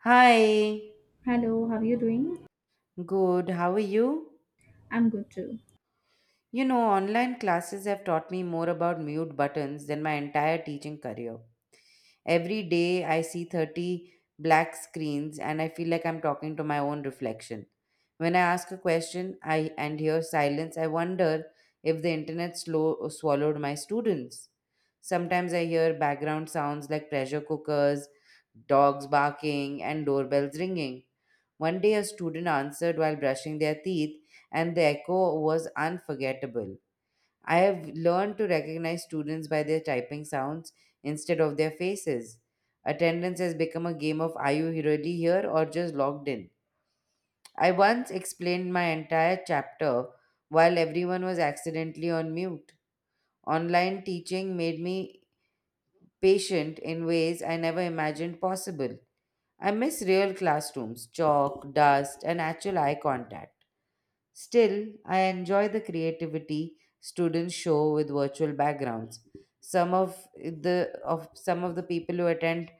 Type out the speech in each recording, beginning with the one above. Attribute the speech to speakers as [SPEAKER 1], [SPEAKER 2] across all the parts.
[SPEAKER 1] Hi.
[SPEAKER 2] Hello, how are you doing?
[SPEAKER 1] Good, how are you?
[SPEAKER 2] I'm good too.
[SPEAKER 1] Online classes have taught me more about mute buttons than my entire teaching career. Every day I see 30 black screens and I feel like I'm talking to my own reflection. When I ask a question and hear silence, I wonder if the internet slow, swallowed my students. Sometimes I hear background sounds like pressure cookers, dogs barking, and doorbells ringing. One day, a student answered while brushing their teeth, and the echo was unforgettable. I have learned to recognize students by their typing sounds instead of their faces. Attendance has become a game of are you really here or just logged in? I once explained my entire chapter while everyone was accidentally on mute. Online teaching made me patient in ways I never imagined possible. I miss real classrooms, chalk, dust, and actual eye contact. Still, I enjoy the creativity students show with virtual backgrounds. Some of the people who attend,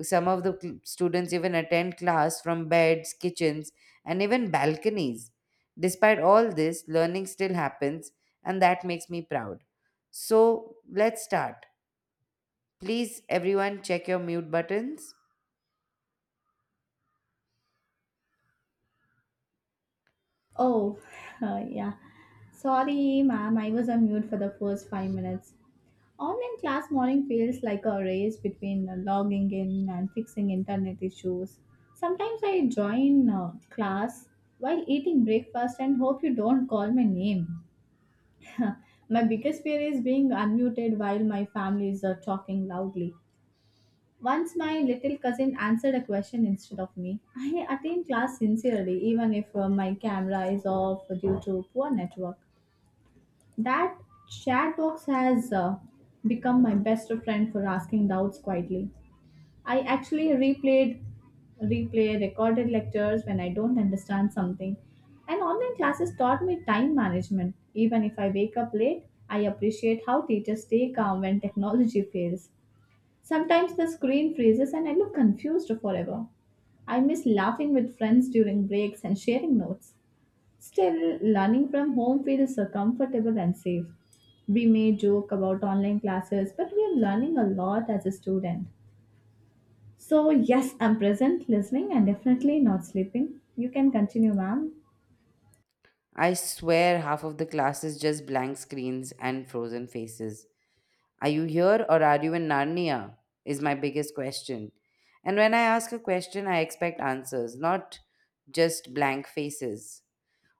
[SPEAKER 1] some of the cl- students even attend class from beds, kitchens, and even balconies. Despite all this, learning still happens, and that makes me proud. So let's start. Please, everyone, check your mute buttons.
[SPEAKER 2] Oh, yeah. Sorry, ma'am, I was on mute for the first 5 minutes. Online class morning feels like a race between logging in and fixing internet issues. Sometimes I join class while eating breakfast and hope you don't call my name. My biggest fear is being unmuted while my family is talking loudly. Once my little cousin answered a question instead of me. I attend class sincerely, even if my camera is off due to poor network. That chat box has become my best friend for asking doubts quietly. I actually replayed, Replay recorded lectures when I don't understand something. And online classes taught me time management. Even if I wake up late, I appreciate how teachers stay calm when technology fails. Sometimes the screen freezes and I look confused forever. I miss laughing with friends during breaks and sharing notes. Still, learning from home feels so comfortable and safe. We may joke about online classes, but we are learning a lot as a student. So, yes, I'm present, listening, and definitely not sleeping. You can continue, ma'am.
[SPEAKER 1] I swear half of the class is just blank screens and frozen faces. Are you here or are you in Narnia is my biggest question. And when I ask a question, I expect answers, not just blank faces.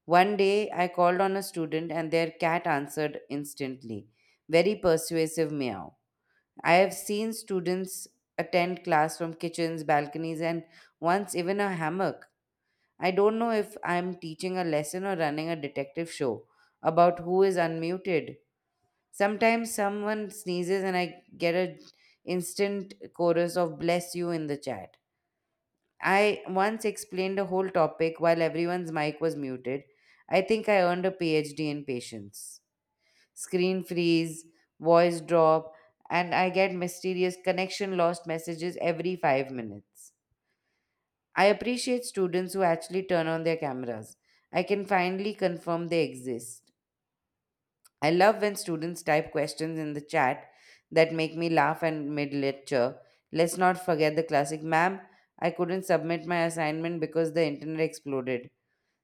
[SPEAKER 1] One day, I called on a student and their cat answered instantly. Very persuasive meow. I have seen students attend class from kitchens, balconies, and once even a hammock. I don't know if I'm teaching a lesson or running a detective show about who is unmuted. Sometimes someone sneezes and I get an instant chorus of bless you in the chat. I once explained a whole topic while everyone's mic was muted. I think I earned a PhD in patience. Screen freeze, voice drop, and I get mysterious connection lost messages every 5 minutes. I appreciate students who actually turn on their cameras. I can finally confirm they exist. I love when students type questions in the chat that make me laugh and mid lecture. Let's not forget the classic, ma'am, I couldn't submit my assignment because the internet exploded.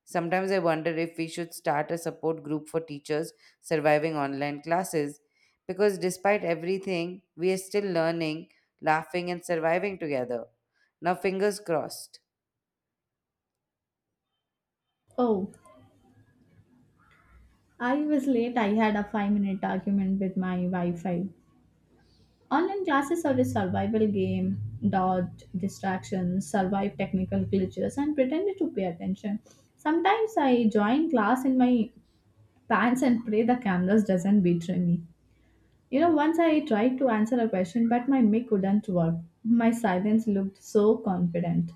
[SPEAKER 1] Sometimes I wonder if we should start a support group for teachers surviving online classes, because despite everything, we are still learning, laughing, and surviving together. Now, fingers crossed.
[SPEAKER 2] Oh, I was late. I had a 5 minute argument with my Wi Fi. Online classes are a survival game: dodge distractions, survive technical glitches, and pretend to pay attention. Sometimes I join class in my pants and pray the cameras doesn't betray me. You know, once I tried to answer a question, but my mic wouldn't work. My silence looked so confident.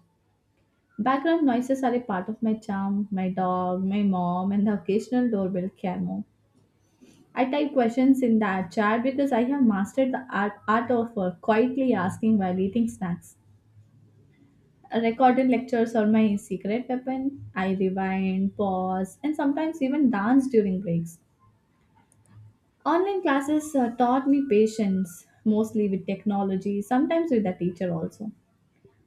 [SPEAKER 2] Background noises are a part of my charm. My dog, my mom, and the occasional doorbell camo. I type questions in that chat because I have mastered the art of quietly asking while eating snacks. Recorded lectures are my secret weapon. I rewind, pause, and sometimes even dance during breaks. Online classes taught me patience, mostly with technology, sometimes with the teacher also.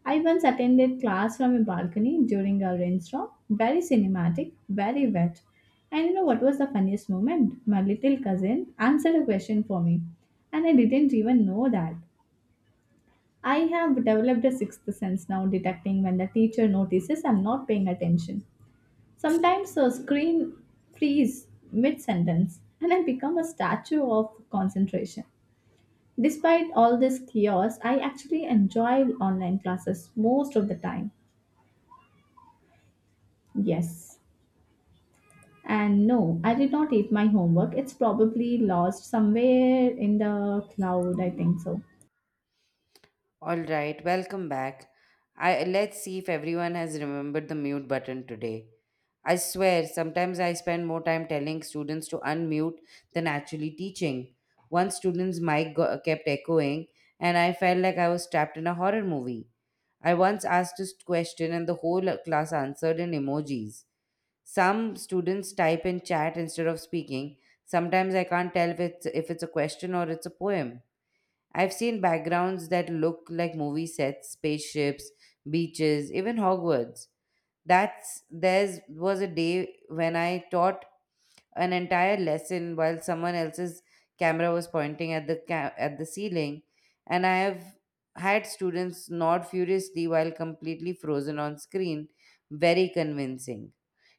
[SPEAKER 2] I once attended class from a balcony during a rainstorm. Very cinematic, very wet. And you know what was the funniest moment? My little cousin answered a question for me, and I didn't even know that. I have developed a sixth sense now, detecting when the teacher notices I'm not paying attention. Sometimes the screen freeze mid sentence, and I become a statue of concentration. Despite all this chaos, I actually enjoy online classes most of the time. Yes. And no, I did not eat my homework. It's probably lost somewhere in the cloud, I think so.
[SPEAKER 1] All right, welcome back. I Let's see if everyone has remembered the mute button today. I swear, sometimes I spend more time telling students to unmute than actually teaching. One student's mic kept echoing, and I felt like I was trapped in a horror movie. I once asked a question, and the whole class answered in emojis. Some students type in chat instead of speaking. Sometimes I can't tell if it's a question or it's a poem. I've seen backgrounds that look like movie sets, spaceships, beaches, even Hogwarts. That's there's was a day when I taught an entire lesson while someone else's camera was pointing at the at the ceiling, and I have had students nod furiously while completely frozen on screen. Very convincing.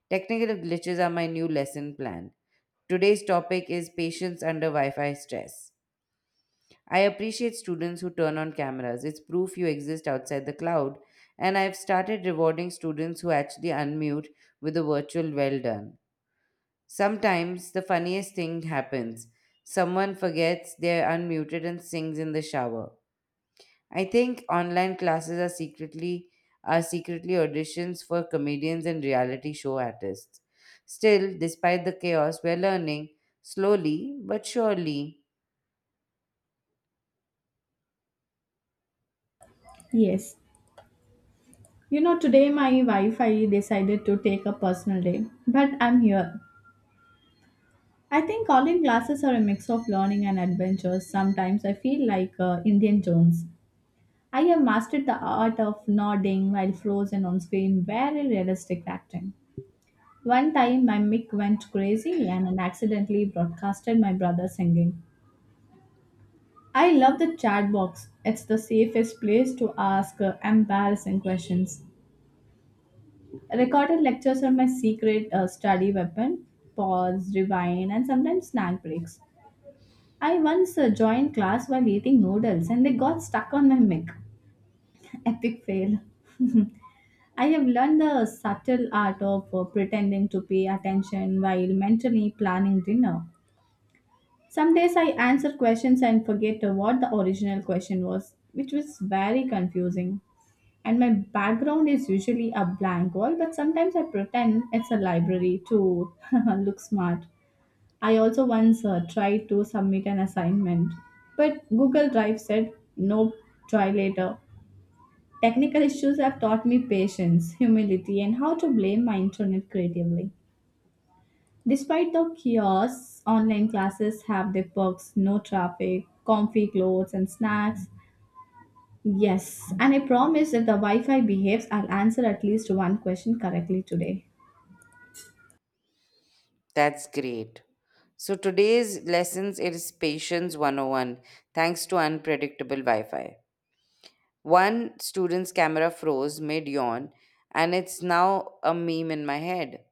[SPEAKER 1] Technical glitches are my new lesson plan. Today's topic is patience under Wi-Fi stress. I appreciate students who turn on cameras. It's proof you exist outside the cloud. And I've started rewarding students who actually unmute with a virtual well done. Sometimes the funniest thing happens: someone forgets they're unmuted and sings in the shower. I think online classes are secretly auditions for comedians and reality show artists. Still, despite the chaos, we're learning slowly but surely.
[SPEAKER 2] Yes. You know, today my wife I decided to take a personal day, but I'm here. I think online classes are a mix of learning and adventure. Sometimes I feel like Indian Jones. I have mastered the art of nodding while frozen on screen, very realistic acting. One time my mic went crazy and I accidentally broadcasted my brother singing. I love the chat box. It's the safest place to ask embarrassing questions. Recorded lectures are my secret study weapon. Pause, rewind, and sometimes snack breaks. I once joined class while eating noodles and they got stuck on my mic. Epic fail. I have learned the subtle art of pretending to pay attention while mentally planning dinner. Some days I answer questions and forget what the original question was, which was very confusing. And my background is usually a blank wall, but sometimes I pretend it's a library to look smart. I also once tried to submit an assignment, but Google Drive said, nope, try later. Technical issues have taught me patience, humility, and how to blame my internet creatively. Despite the chaos, online classes have their perks: no traffic, comfy clothes, and snacks. Yes, and I promise if the Wi Fi behaves, I'll answer at least one question correctly today.
[SPEAKER 1] That's great. So today's lessons is Patience 101, thanks to unpredictable Wi-Fi. One student's camera froze mid-yawn and it's now a meme in my head.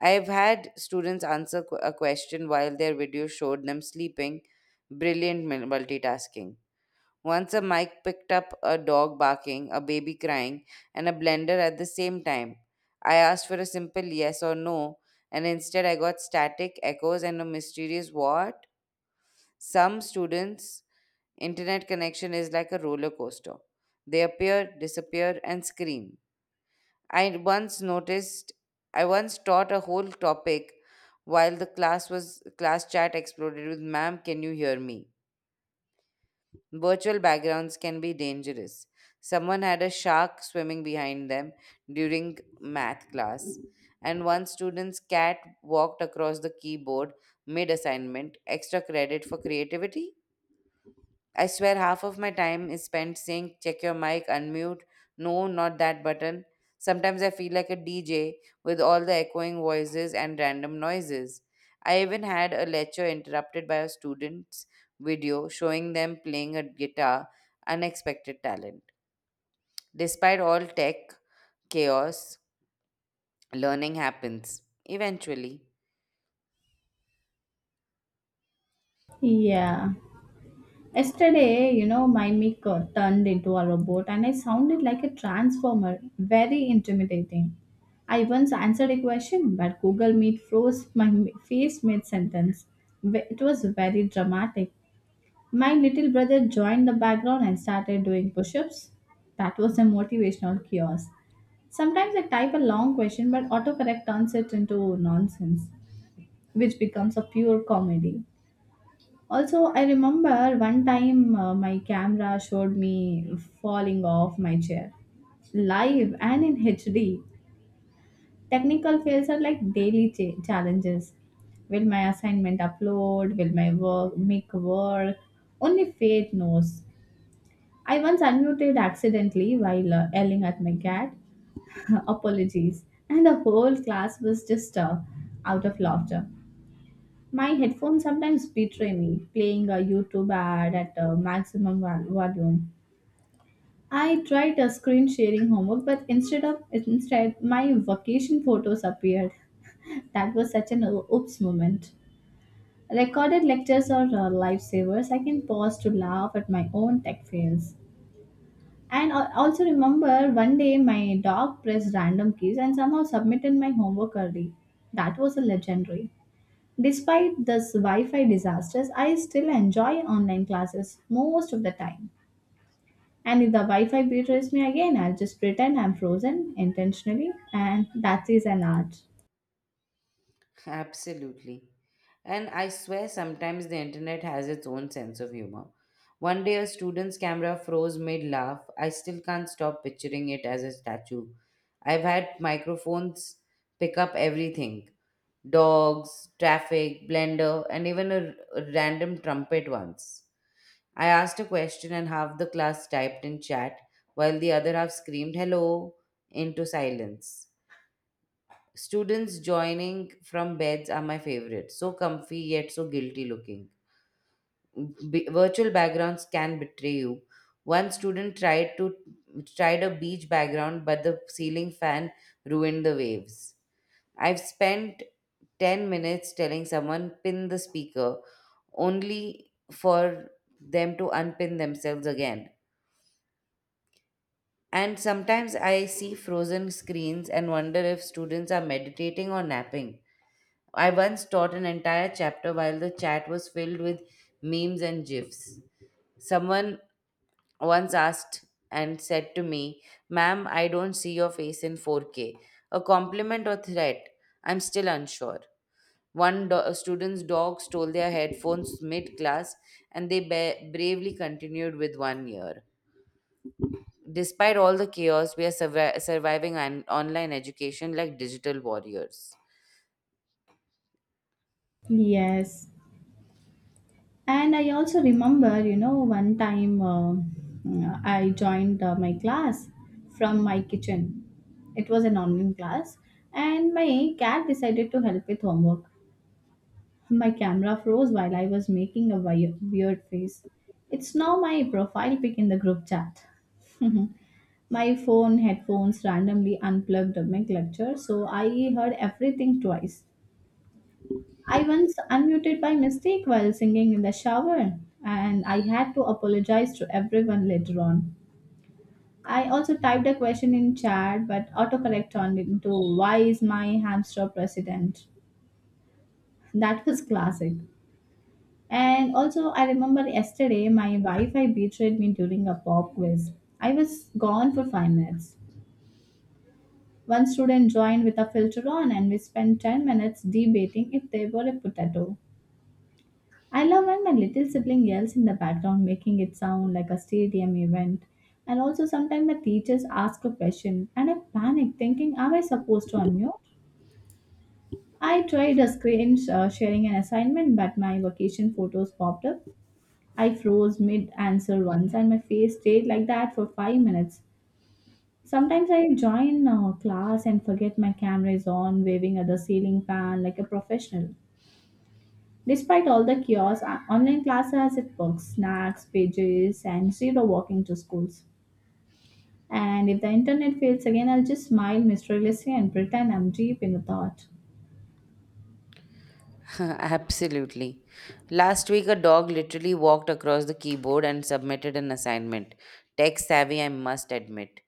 [SPEAKER 1] I've had students answer a question while their video showed them sleeping. Brilliant multitasking. Once a mic picked up a dog barking, a baby crying, and a blender at the same time. I asked for a simple yes or no, and instead I got static echoes and a mysterious what? Some students' internet connection is like a roller coaster. They appear, disappear, and scream. I once noticed, I once taught a whole topic while the class chat exploded with ma'am, can you hear me. Virtual backgrounds can be dangerous. Someone had a shark swimming behind them during math class, and one student's cat walked across the keyboard mid assignment. Extra credit for creativity? I swear half of my time is spent saying, check your mic, unmute. No, not that button. Sometimes I feel like a DJ with all the echoing voices and random noises. I even had a lecture interrupted by a student's video showing them playing a guitar, unexpected talent. Despite all tech chaos, learning happens eventually.
[SPEAKER 2] Yeah. Yesterday, you know, my mic turned into a robot and I sounded like a transformer. Very intimidating. I once answered a question, but Google Meet froze my face mid sentence. It was very dramatic. My little brother joined the background and started doing push ups. That was a motivational kiosk. Sometimes I type a long question, but autocorrect turns it into nonsense, which becomes a pure comedy. Also, I remember one time my camera showed me falling off my chair live and in HD. Technical fails are like daily challenges. Will my assignment upload? Will my work make work? Only fate knows. I once unmuted accidentally while yelling at my cat, apologies. And the whole class was just out of laughter. My headphones sometimes betray me, playing a YouTube ad at maximum volume. I tried a screen sharing homework, but instead my vacation photos appeared. That was such an oops moment. Recorded lectures are lifesavers. I can pause to laugh at my own tech fails. And I also remember one day my dog pressed random keys and somehow submitted my homework early. That was a legendary. Despite this Wi-Fi disasters, I still enjoy online classes most of the time. And if the Wi-Fi betrays me again, I'll just pretend I'm frozen intentionally, and that is an art.
[SPEAKER 1] Absolutely. And I swear sometimes the internet has its own sense of humor. One day a student's camera froze mid laugh. I still can't stop picturing it as a statue. I've had microphones pick up everything: dogs, traffic, blender, and even a random trumpet once. I asked a question and half the class typed in chat while the other half screamed hello into silence. Students joining from beds are my favorite. So comfy yet so guilty looking. Virtual backgrounds can betray you. One student tried a beach background, but the ceiling fan ruined the waves. I've spent 10 minutes telling someone pin the speaker, only for them to unpin themselves again. And sometimes I see frozen screens and wonder if students are meditating or napping. I once taught an entire chapter while the chat was filled with memes and gifs. Someone once asked and said to me, ma'am, I don't see your face in 4K. A compliment or threat? I'm still unsure. A student's dog stole their headphones mid class and they bravely continued with one ear. Despite all the chaos, we are surviving online education like digital warriors.
[SPEAKER 2] Yes. And I also remember, you know, one time I joined my class from my kitchen. It was an online class, and my cat decided to help with homework. My camera froze while I was making a weird face. It's now my profile pic in the group chat. My phone headphones randomly unplugged my lecture, so I heard everything twice. I once unmuted by mistake while singing in the shower, and I had to apologize to everyone later on. I also typed a question in chat, but autocorrect turned into "Why is my hamster president?" That was classic. And also, I remember yesterday my Wi-Fi betrayed me during a pop quiz. I was gone for 5 minutes. One student joined with a filter on, and we spent 10 minutes debating if they were a potato. I love when my little sibling yells in the background, making it sound like a stadium event. And also, sometimes my teachers ask a question and I panic, thinking, am I supposed to unmute? I tried a screen sharing an assignment, but my vacation photos popped up. I froze mid answer once and my face stayed like that for 5 minutes. Sometimes I join class and forget my camera is on, waving at the ceiling fan like a professional. Despite all the chaos, online class has its perks: snacks, pages, and zero walking to schools. And if the internet fails again, I'll just smile mysteriously and pretend I'm deep in a thought.
[SPEAKER 1] Absolutely. Last week, a dog literally walked across the keyboard and submitted an assignment. Tech savvy, I must admit.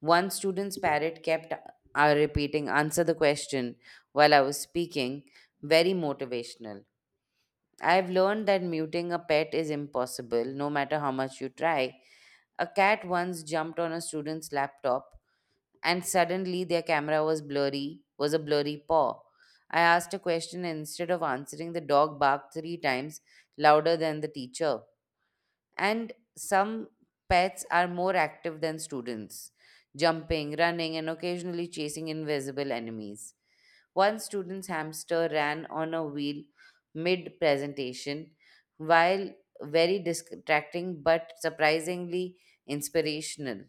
[SPEAKER 1] One student's parrot kept repeating, answer the question, while I was speaking. Very motivational. I've learned that muting a pet is impossible, no matter how much you try. A cat once jumped on a student's laptop and suddenly their camera was a blurry paw. I asked a question and instead of answering, the dog barked three times louder than the teacher. And some pets are more active than students, jumping, running, and occasionally chasing invisible enemies. One student's hamster ran on a wheel mid presentation, while very distracting but surprisingly inspirational.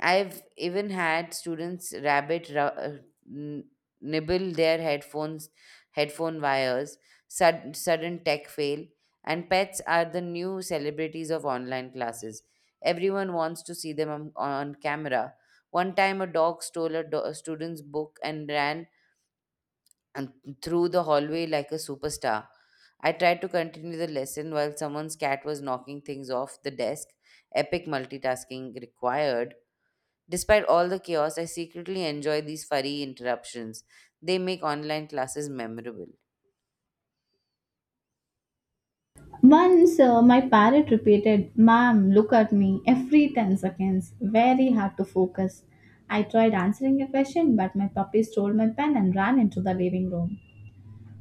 [SPEAKER 1] I've even had students n- nibble their headphones, headphone wires, sudden tech fail, and pets are the new celebrities of online classes. Everyone wants to see them on camera. One time, a dog stole a student's book and ran and through the hallway like a superstar. I tried to continue the lesson while someone's cat was knocking things off the desk. Epic multitasking required. Despite all the chaos, I secretly enjoy these furry interruptions. They make online classes memorable.
[SPEAKER 2] Once my parrot repeated, "Ma'am, look at me," every 10 seconds. Very hard to focus. I tried answering a question, but my puppy stole my pen and ran into the living room.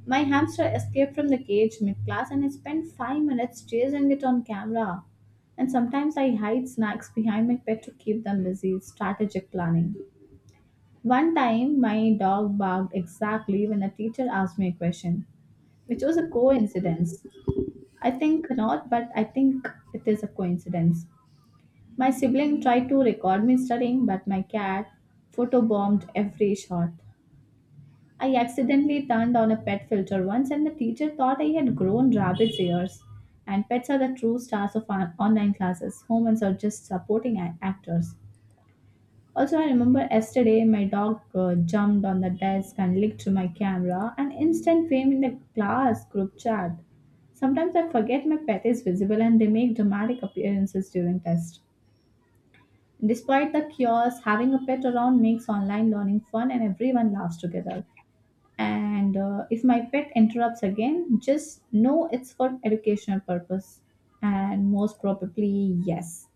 [SPEAKER 2] My hamster escaped from the cage mid class and I spent 5 minutes chasing it on camera. And sometimes I hide snacks behind my pet to keep them busy. Strategic planning. One time, my dog barked exactly when the teacher asked me a question, which was a coincidence. I think not, but I think it is a coincidence. My sibling tried to record me studying, but my cat photobombed every shot. I accidentally turned on a pet filter once, and the teacher thought I had grown rabbit's ears. And pets are the true stars of online classes. Humans are just supporting actors. Also, I remember yesterday my dog jumped on the desk and licked to my camera, and instant fame in the class group chat. Sometimes I forget my pet is visible and they make dramatic appearances during tests. Despite the chaos, having a pet around makes online learning fun and everyone laughs together. And if my pet interrupts again, just know it's for educational purpose. And most probably, yes.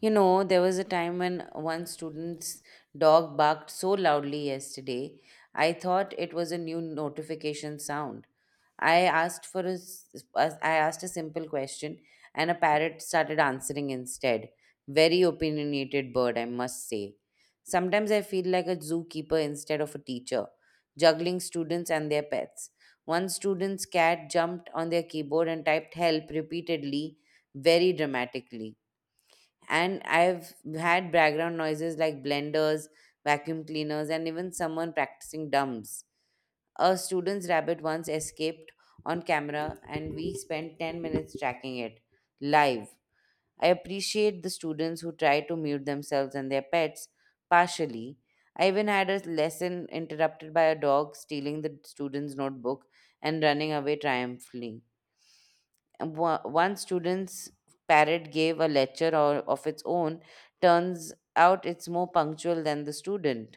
[SPEAKER 1] There was a time when one student's dog barked so loudly yesterday, I thought it was a new notification sound. I asked for a, s- I asked a simple question, and a parrot started answering instead. Very opinionated bird, I must say. Sometimes I feel like a zookeeper instead of a teacher, juggling students and their pets. One student's cat jumped on their keyboard and typed help repeatedly, very dramatically. And I've had background noises like blenders, vacuum cleaners, and even someone practicing drums. A student's rabbit once escaped on camera and we spent 10 minutes tracking it live. I appreciate the students who try to mute themselves and their pets partially. I even had a lesson interrupted by a dog stealing the student's notebook and running away triumphantly. One student's parrot gave a lecture of its own. Turns out it's more punctual than the student.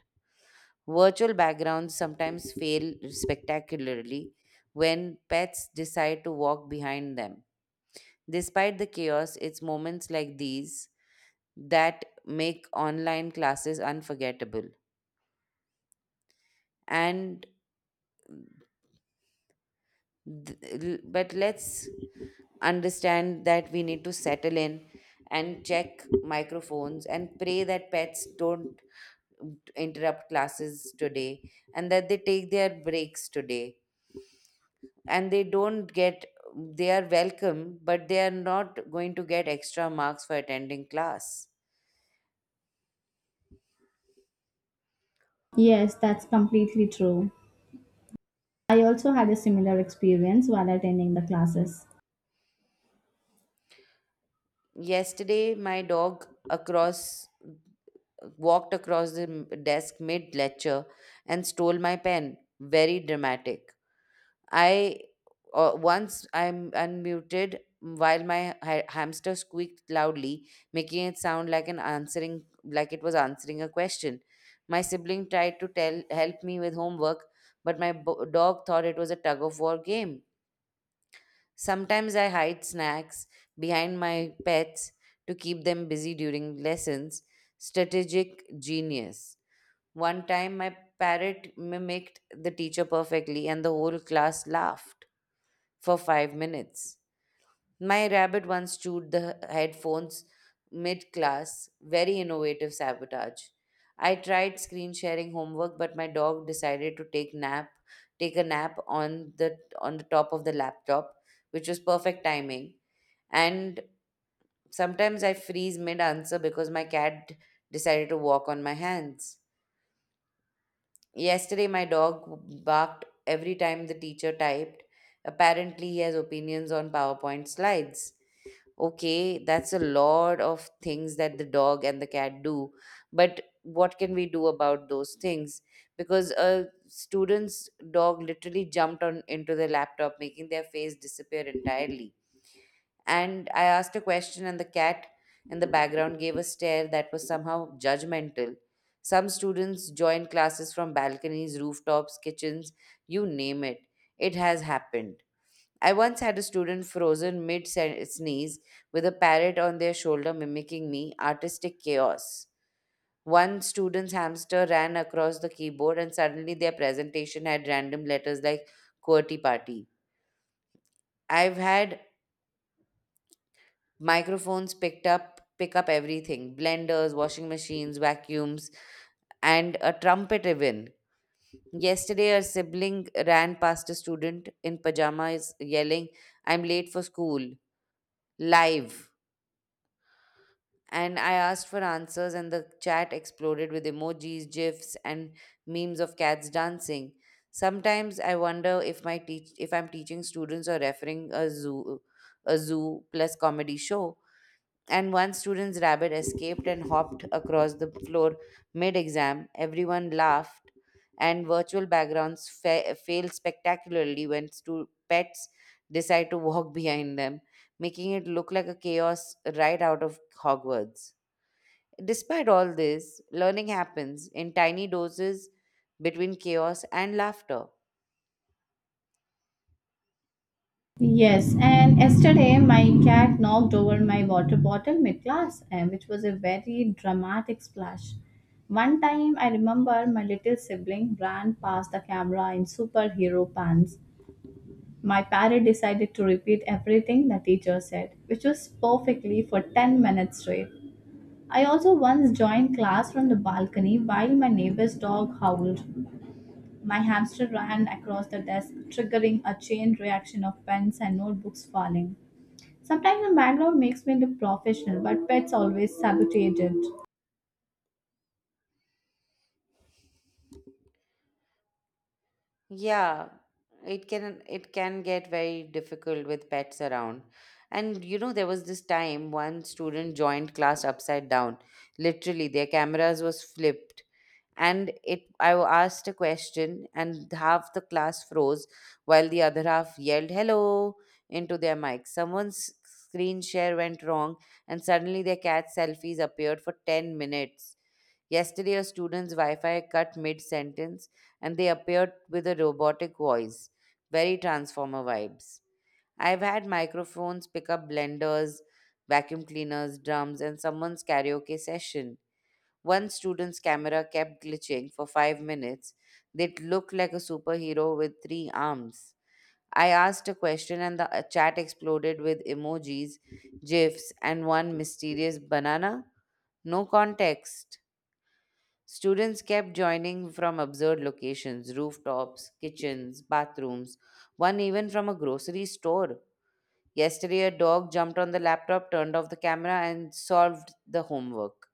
[SPEAKER 1] Virtual backgrounds sometimes fail spectacularly when pets decide to walk behind them. Despite the chaos, it's moments like these that make online classes unforgettable. And th- but let's understand that we need to settle in and check microphones and pray that pets don't interrupt classes today, and that they take their breaks today, and they don't get they are welcome but they are not going to get extra marks for attending class.
[SPEAKER 2] Yes, that's completely true. I also had a similar experience while attending the classes.
[SPEAKER 1] Yesterday my dog across walked across the desk mid lecture and stole my pen, very dramatic. I once I'm unmuted while my hamster squeaked loudly, making it sound like an answering like it was answering a question. My sibling tried to tell help me with homework, but my dog thought it was a tug of war game. Sometimes I hide snacks behind my pets to keep them busy during lessons. Strategic genius. One time, my parrot mimicked the teacher perfectly, and the whole class laughed for 5 minutes. My rabbit once chewed the headphones mid class. Very innovative sabotage. I tried screen sharing homework, but my dog decided to take a nap on the top of the laptop, which was perfect timing. And sometimes I freeze mid answer because my cat decided to walk on my hands. Yesterday, my dog barked every time the teacher typed. Apparently, he has opinions on PowerPoint slides. Okay, that's a lot of things that the dog and the cat do. But what can we do about those things? Because a student's dog literally jumped on into the laptop, making their face disappear entirely. And I asked a question, and the cat in the background gave a stare that was somehow judgmental. Some students join classes from balconies, rooftops, kitchens, you name it. It has happened. I once had a student frozen mid sneeze with a parrot on their shoulder mimicking me, artistic chaos. One student's hamster ran across the keyboard and suddenly their presentation had random letters like QWERTY party. I've had pick up everything, blenders, washing machines, vacuums, and a trumpet even. Yesterday, a sibling ran past a student in pajamas yelling, I'm late for school. Live. And I asked for answers, and the chat exploded with emojis, gifs, and memes of cats dancing. Sometimes I wonder if my teach if I'm teaching students or referring a zoo plus comedy show. And one student's rabbit escaped and hopped across the floor mid exam. Everyone laughed, and virtual backgrounds fail spectacularly when pets decide to walk behind them, making it look like a chaos right out of Hogwarts. Despite all this, learning happens in tiny doses between chaos and laughter.
[SPEAKER 2] Yes, and yesterday my cat knocked over my water bottle mid class, which was a very dramatic splash. One time I remember my little sibling ran past the camera in superhero pants. My parrot decided to repeat everything the teacher said, which was perfectly for 10 minutes straight. I also once joined class from the balcony while my neighbor's dog howled. My hamster ran across the desk, triggering a chain reaction of pens and notebooks falling. Sometimes the background makes me look professional, but pets always sabotage it.
[SPEAKER 1] Yeah, it can get very difficult with pets around. And you know, there was this time one student joined class upside down. Literally, their cameras was flipped. And it I asked a question and half the class froze while the other half yelled hello into their mic. Someone's screen share went wrong and suddenly their cat selfies appeared for 10 minutes. Yesterday, a student's Wi Fi cut mid sentence and they appeared with a robotic voice. Very Transformer vibes. I've had microphones pick up blenders, vacuum cleaners, drums, and someone's karaoke session. One student's camera kept glitching for 5 minutes. They looked like a superhero with three arms. I asked a question and the chat exploded with emojis, gifs, and one mysterious banana. No context. Students kept joining from absurd locations, rooftops, kitchens, bathrooms, one even from a grocery store. Yesterday, a dog jumped on the laptop, turned off the camera, and solved the homework.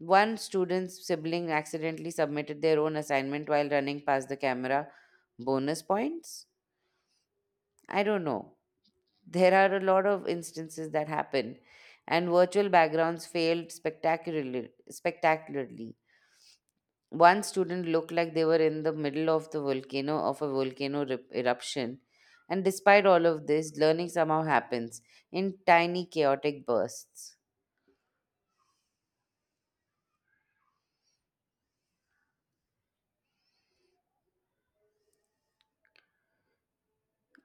[SPEAKER 1] One student's sibling accidentally submitted their own assignment while running past the camera. Bonus points? I don't know. There are a lot of instances that happen, and virtual backgrounds failed spectacularly. One student looked like they were in the middle of the volcano of a volcano eruption. And despite all of this, learning somehow happens in tiny chaotic bursts.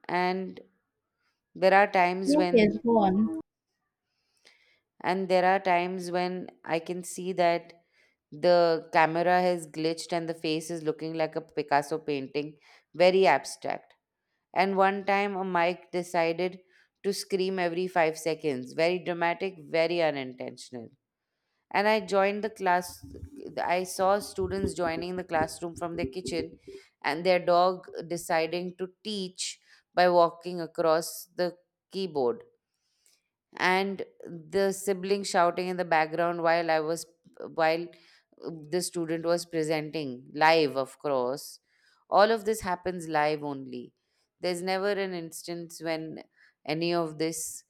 [SPEAKER 1] And there are times
[SPEAKER 2] Yes,
[SPEAKER 1] when
[SPEAKER 2] yes, go on.
[SPEAKER 1] and there are times when I can see that the camera has glitched and the face is looking like a Picasso painting, very abstract. And one time a mic decided to scream every 5 seconds. Very dramatic, very unintentional. And I joined the class, I saw students joining the classroom from their kitchen and their dog deciding to teach by walking across the keyboard, and the sibling shouting in the background while I was while the student was presenting live. Of course, all of this happens live only. There's never an instance when any of this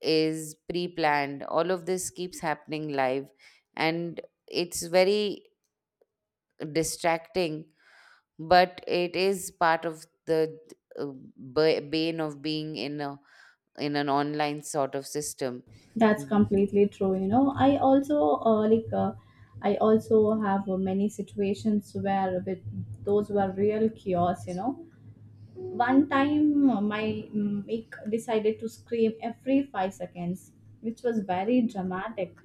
[SPEAKER 1] is pre-planned. All of this keeps happening live, and it's very distracting, but it is part of the uh, bane of being in an online sort of system.
[SPEAKER 2] That's
[SPEAKER 1] Mhm.
[SPEAKER 2] completely true. You know, I also I also have many situations where with those were real chaos. You know, one time my mic decided to scream every 5 seconds, which was very dramatic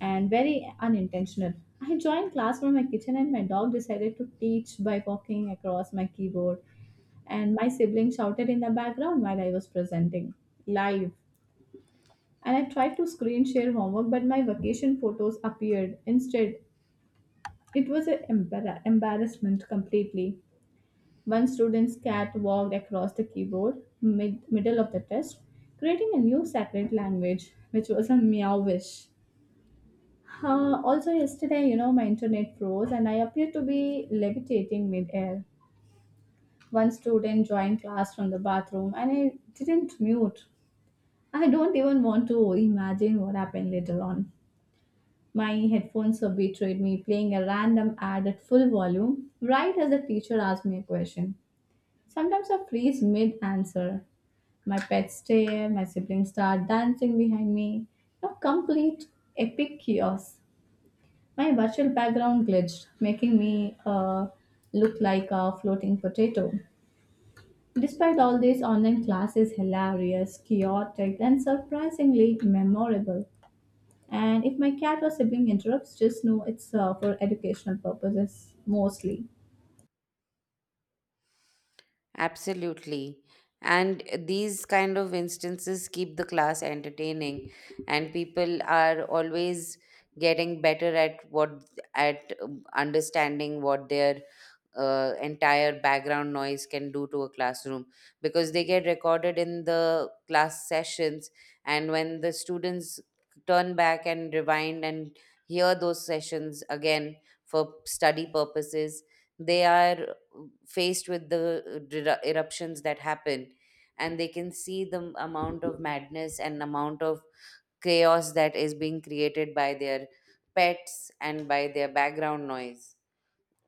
[SPEAKER 2] and very unintentional. I joined class from my kitchen, and my dog decided to teach by walking across my keyboard, and my sibling shouted in the background while I was presenting live. And I tried to screen share homework, but my vacation photos appeared instead. It was an embarrassment completely. One student's cat walked across the keyboard mid middle of the test, creating a new sacred language, which was a meowish. Also, yesterday, you know, my internet froze and I appeared to be levitating midair. One student joined class from the bathroom and I didn't mute. I don't even want to imagine what happened later on. My headphones have betrayed me, playing a random ad at full volume right as the teacher asked me a question. Sometimes I freeze mid answer. My pets stare, my siblings start dancing behind me. A complete epic chaos. My virtual background glitched, making me look like a floating potato. Despite all this, online class is hilarious, chaotic, and surprisingly memorable. And if my cat or sibling interrupts, just know it's for educational purposes mostly.
[SPEAKER 1] Absolutely, and these kind of instances keep the class entertaining, and people are always getting better at what at understanding what their entire background noise can do to a classroom, because they get recorded in the class sessions, and when the students turn back and rewind and hear those sessions again for study purposes, they are faced with the eruptions that happen, and they can see the amount of madness and amount of chaos that is being created by their pets and by their background noise.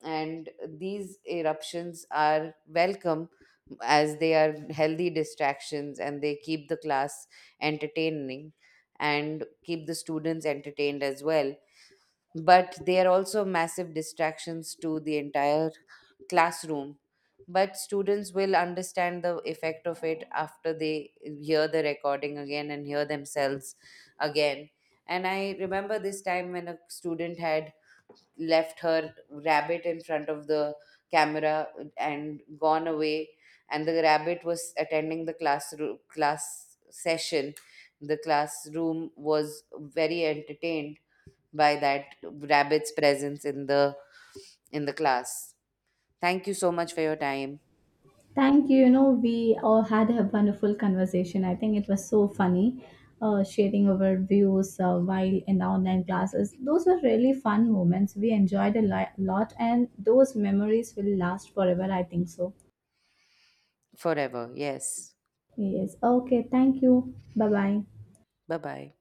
[SPEAKER 1] And these eruptions are welcome as they are healthy distractions, and they keep the class entertaining and keep the students entertained as well, but they are also massive distractions to the entire classroom. But students will understand the effect of it after they hear the recording again and hear themselves again. And I remember this time when a student had left her rabbit in front of the camera and gone away, and the rabbit was attending the class session. The classroom was very entertained by that rabbit's presence in the class. Thank you so much for your time.
[SPEAKER 2] Thank you. You know, we all had a wonderful conversation. I think it was so funny sharing our views while in the online classes. Those were really fun moments. We enjoyed a lot, and those memories will last forever, I think so.
[SPEAKER 1] Forever, yes.
[SPEAKER 2] Yes. Okay. Thank you. Bye bye.
[SPEAKER 1] Bye bye.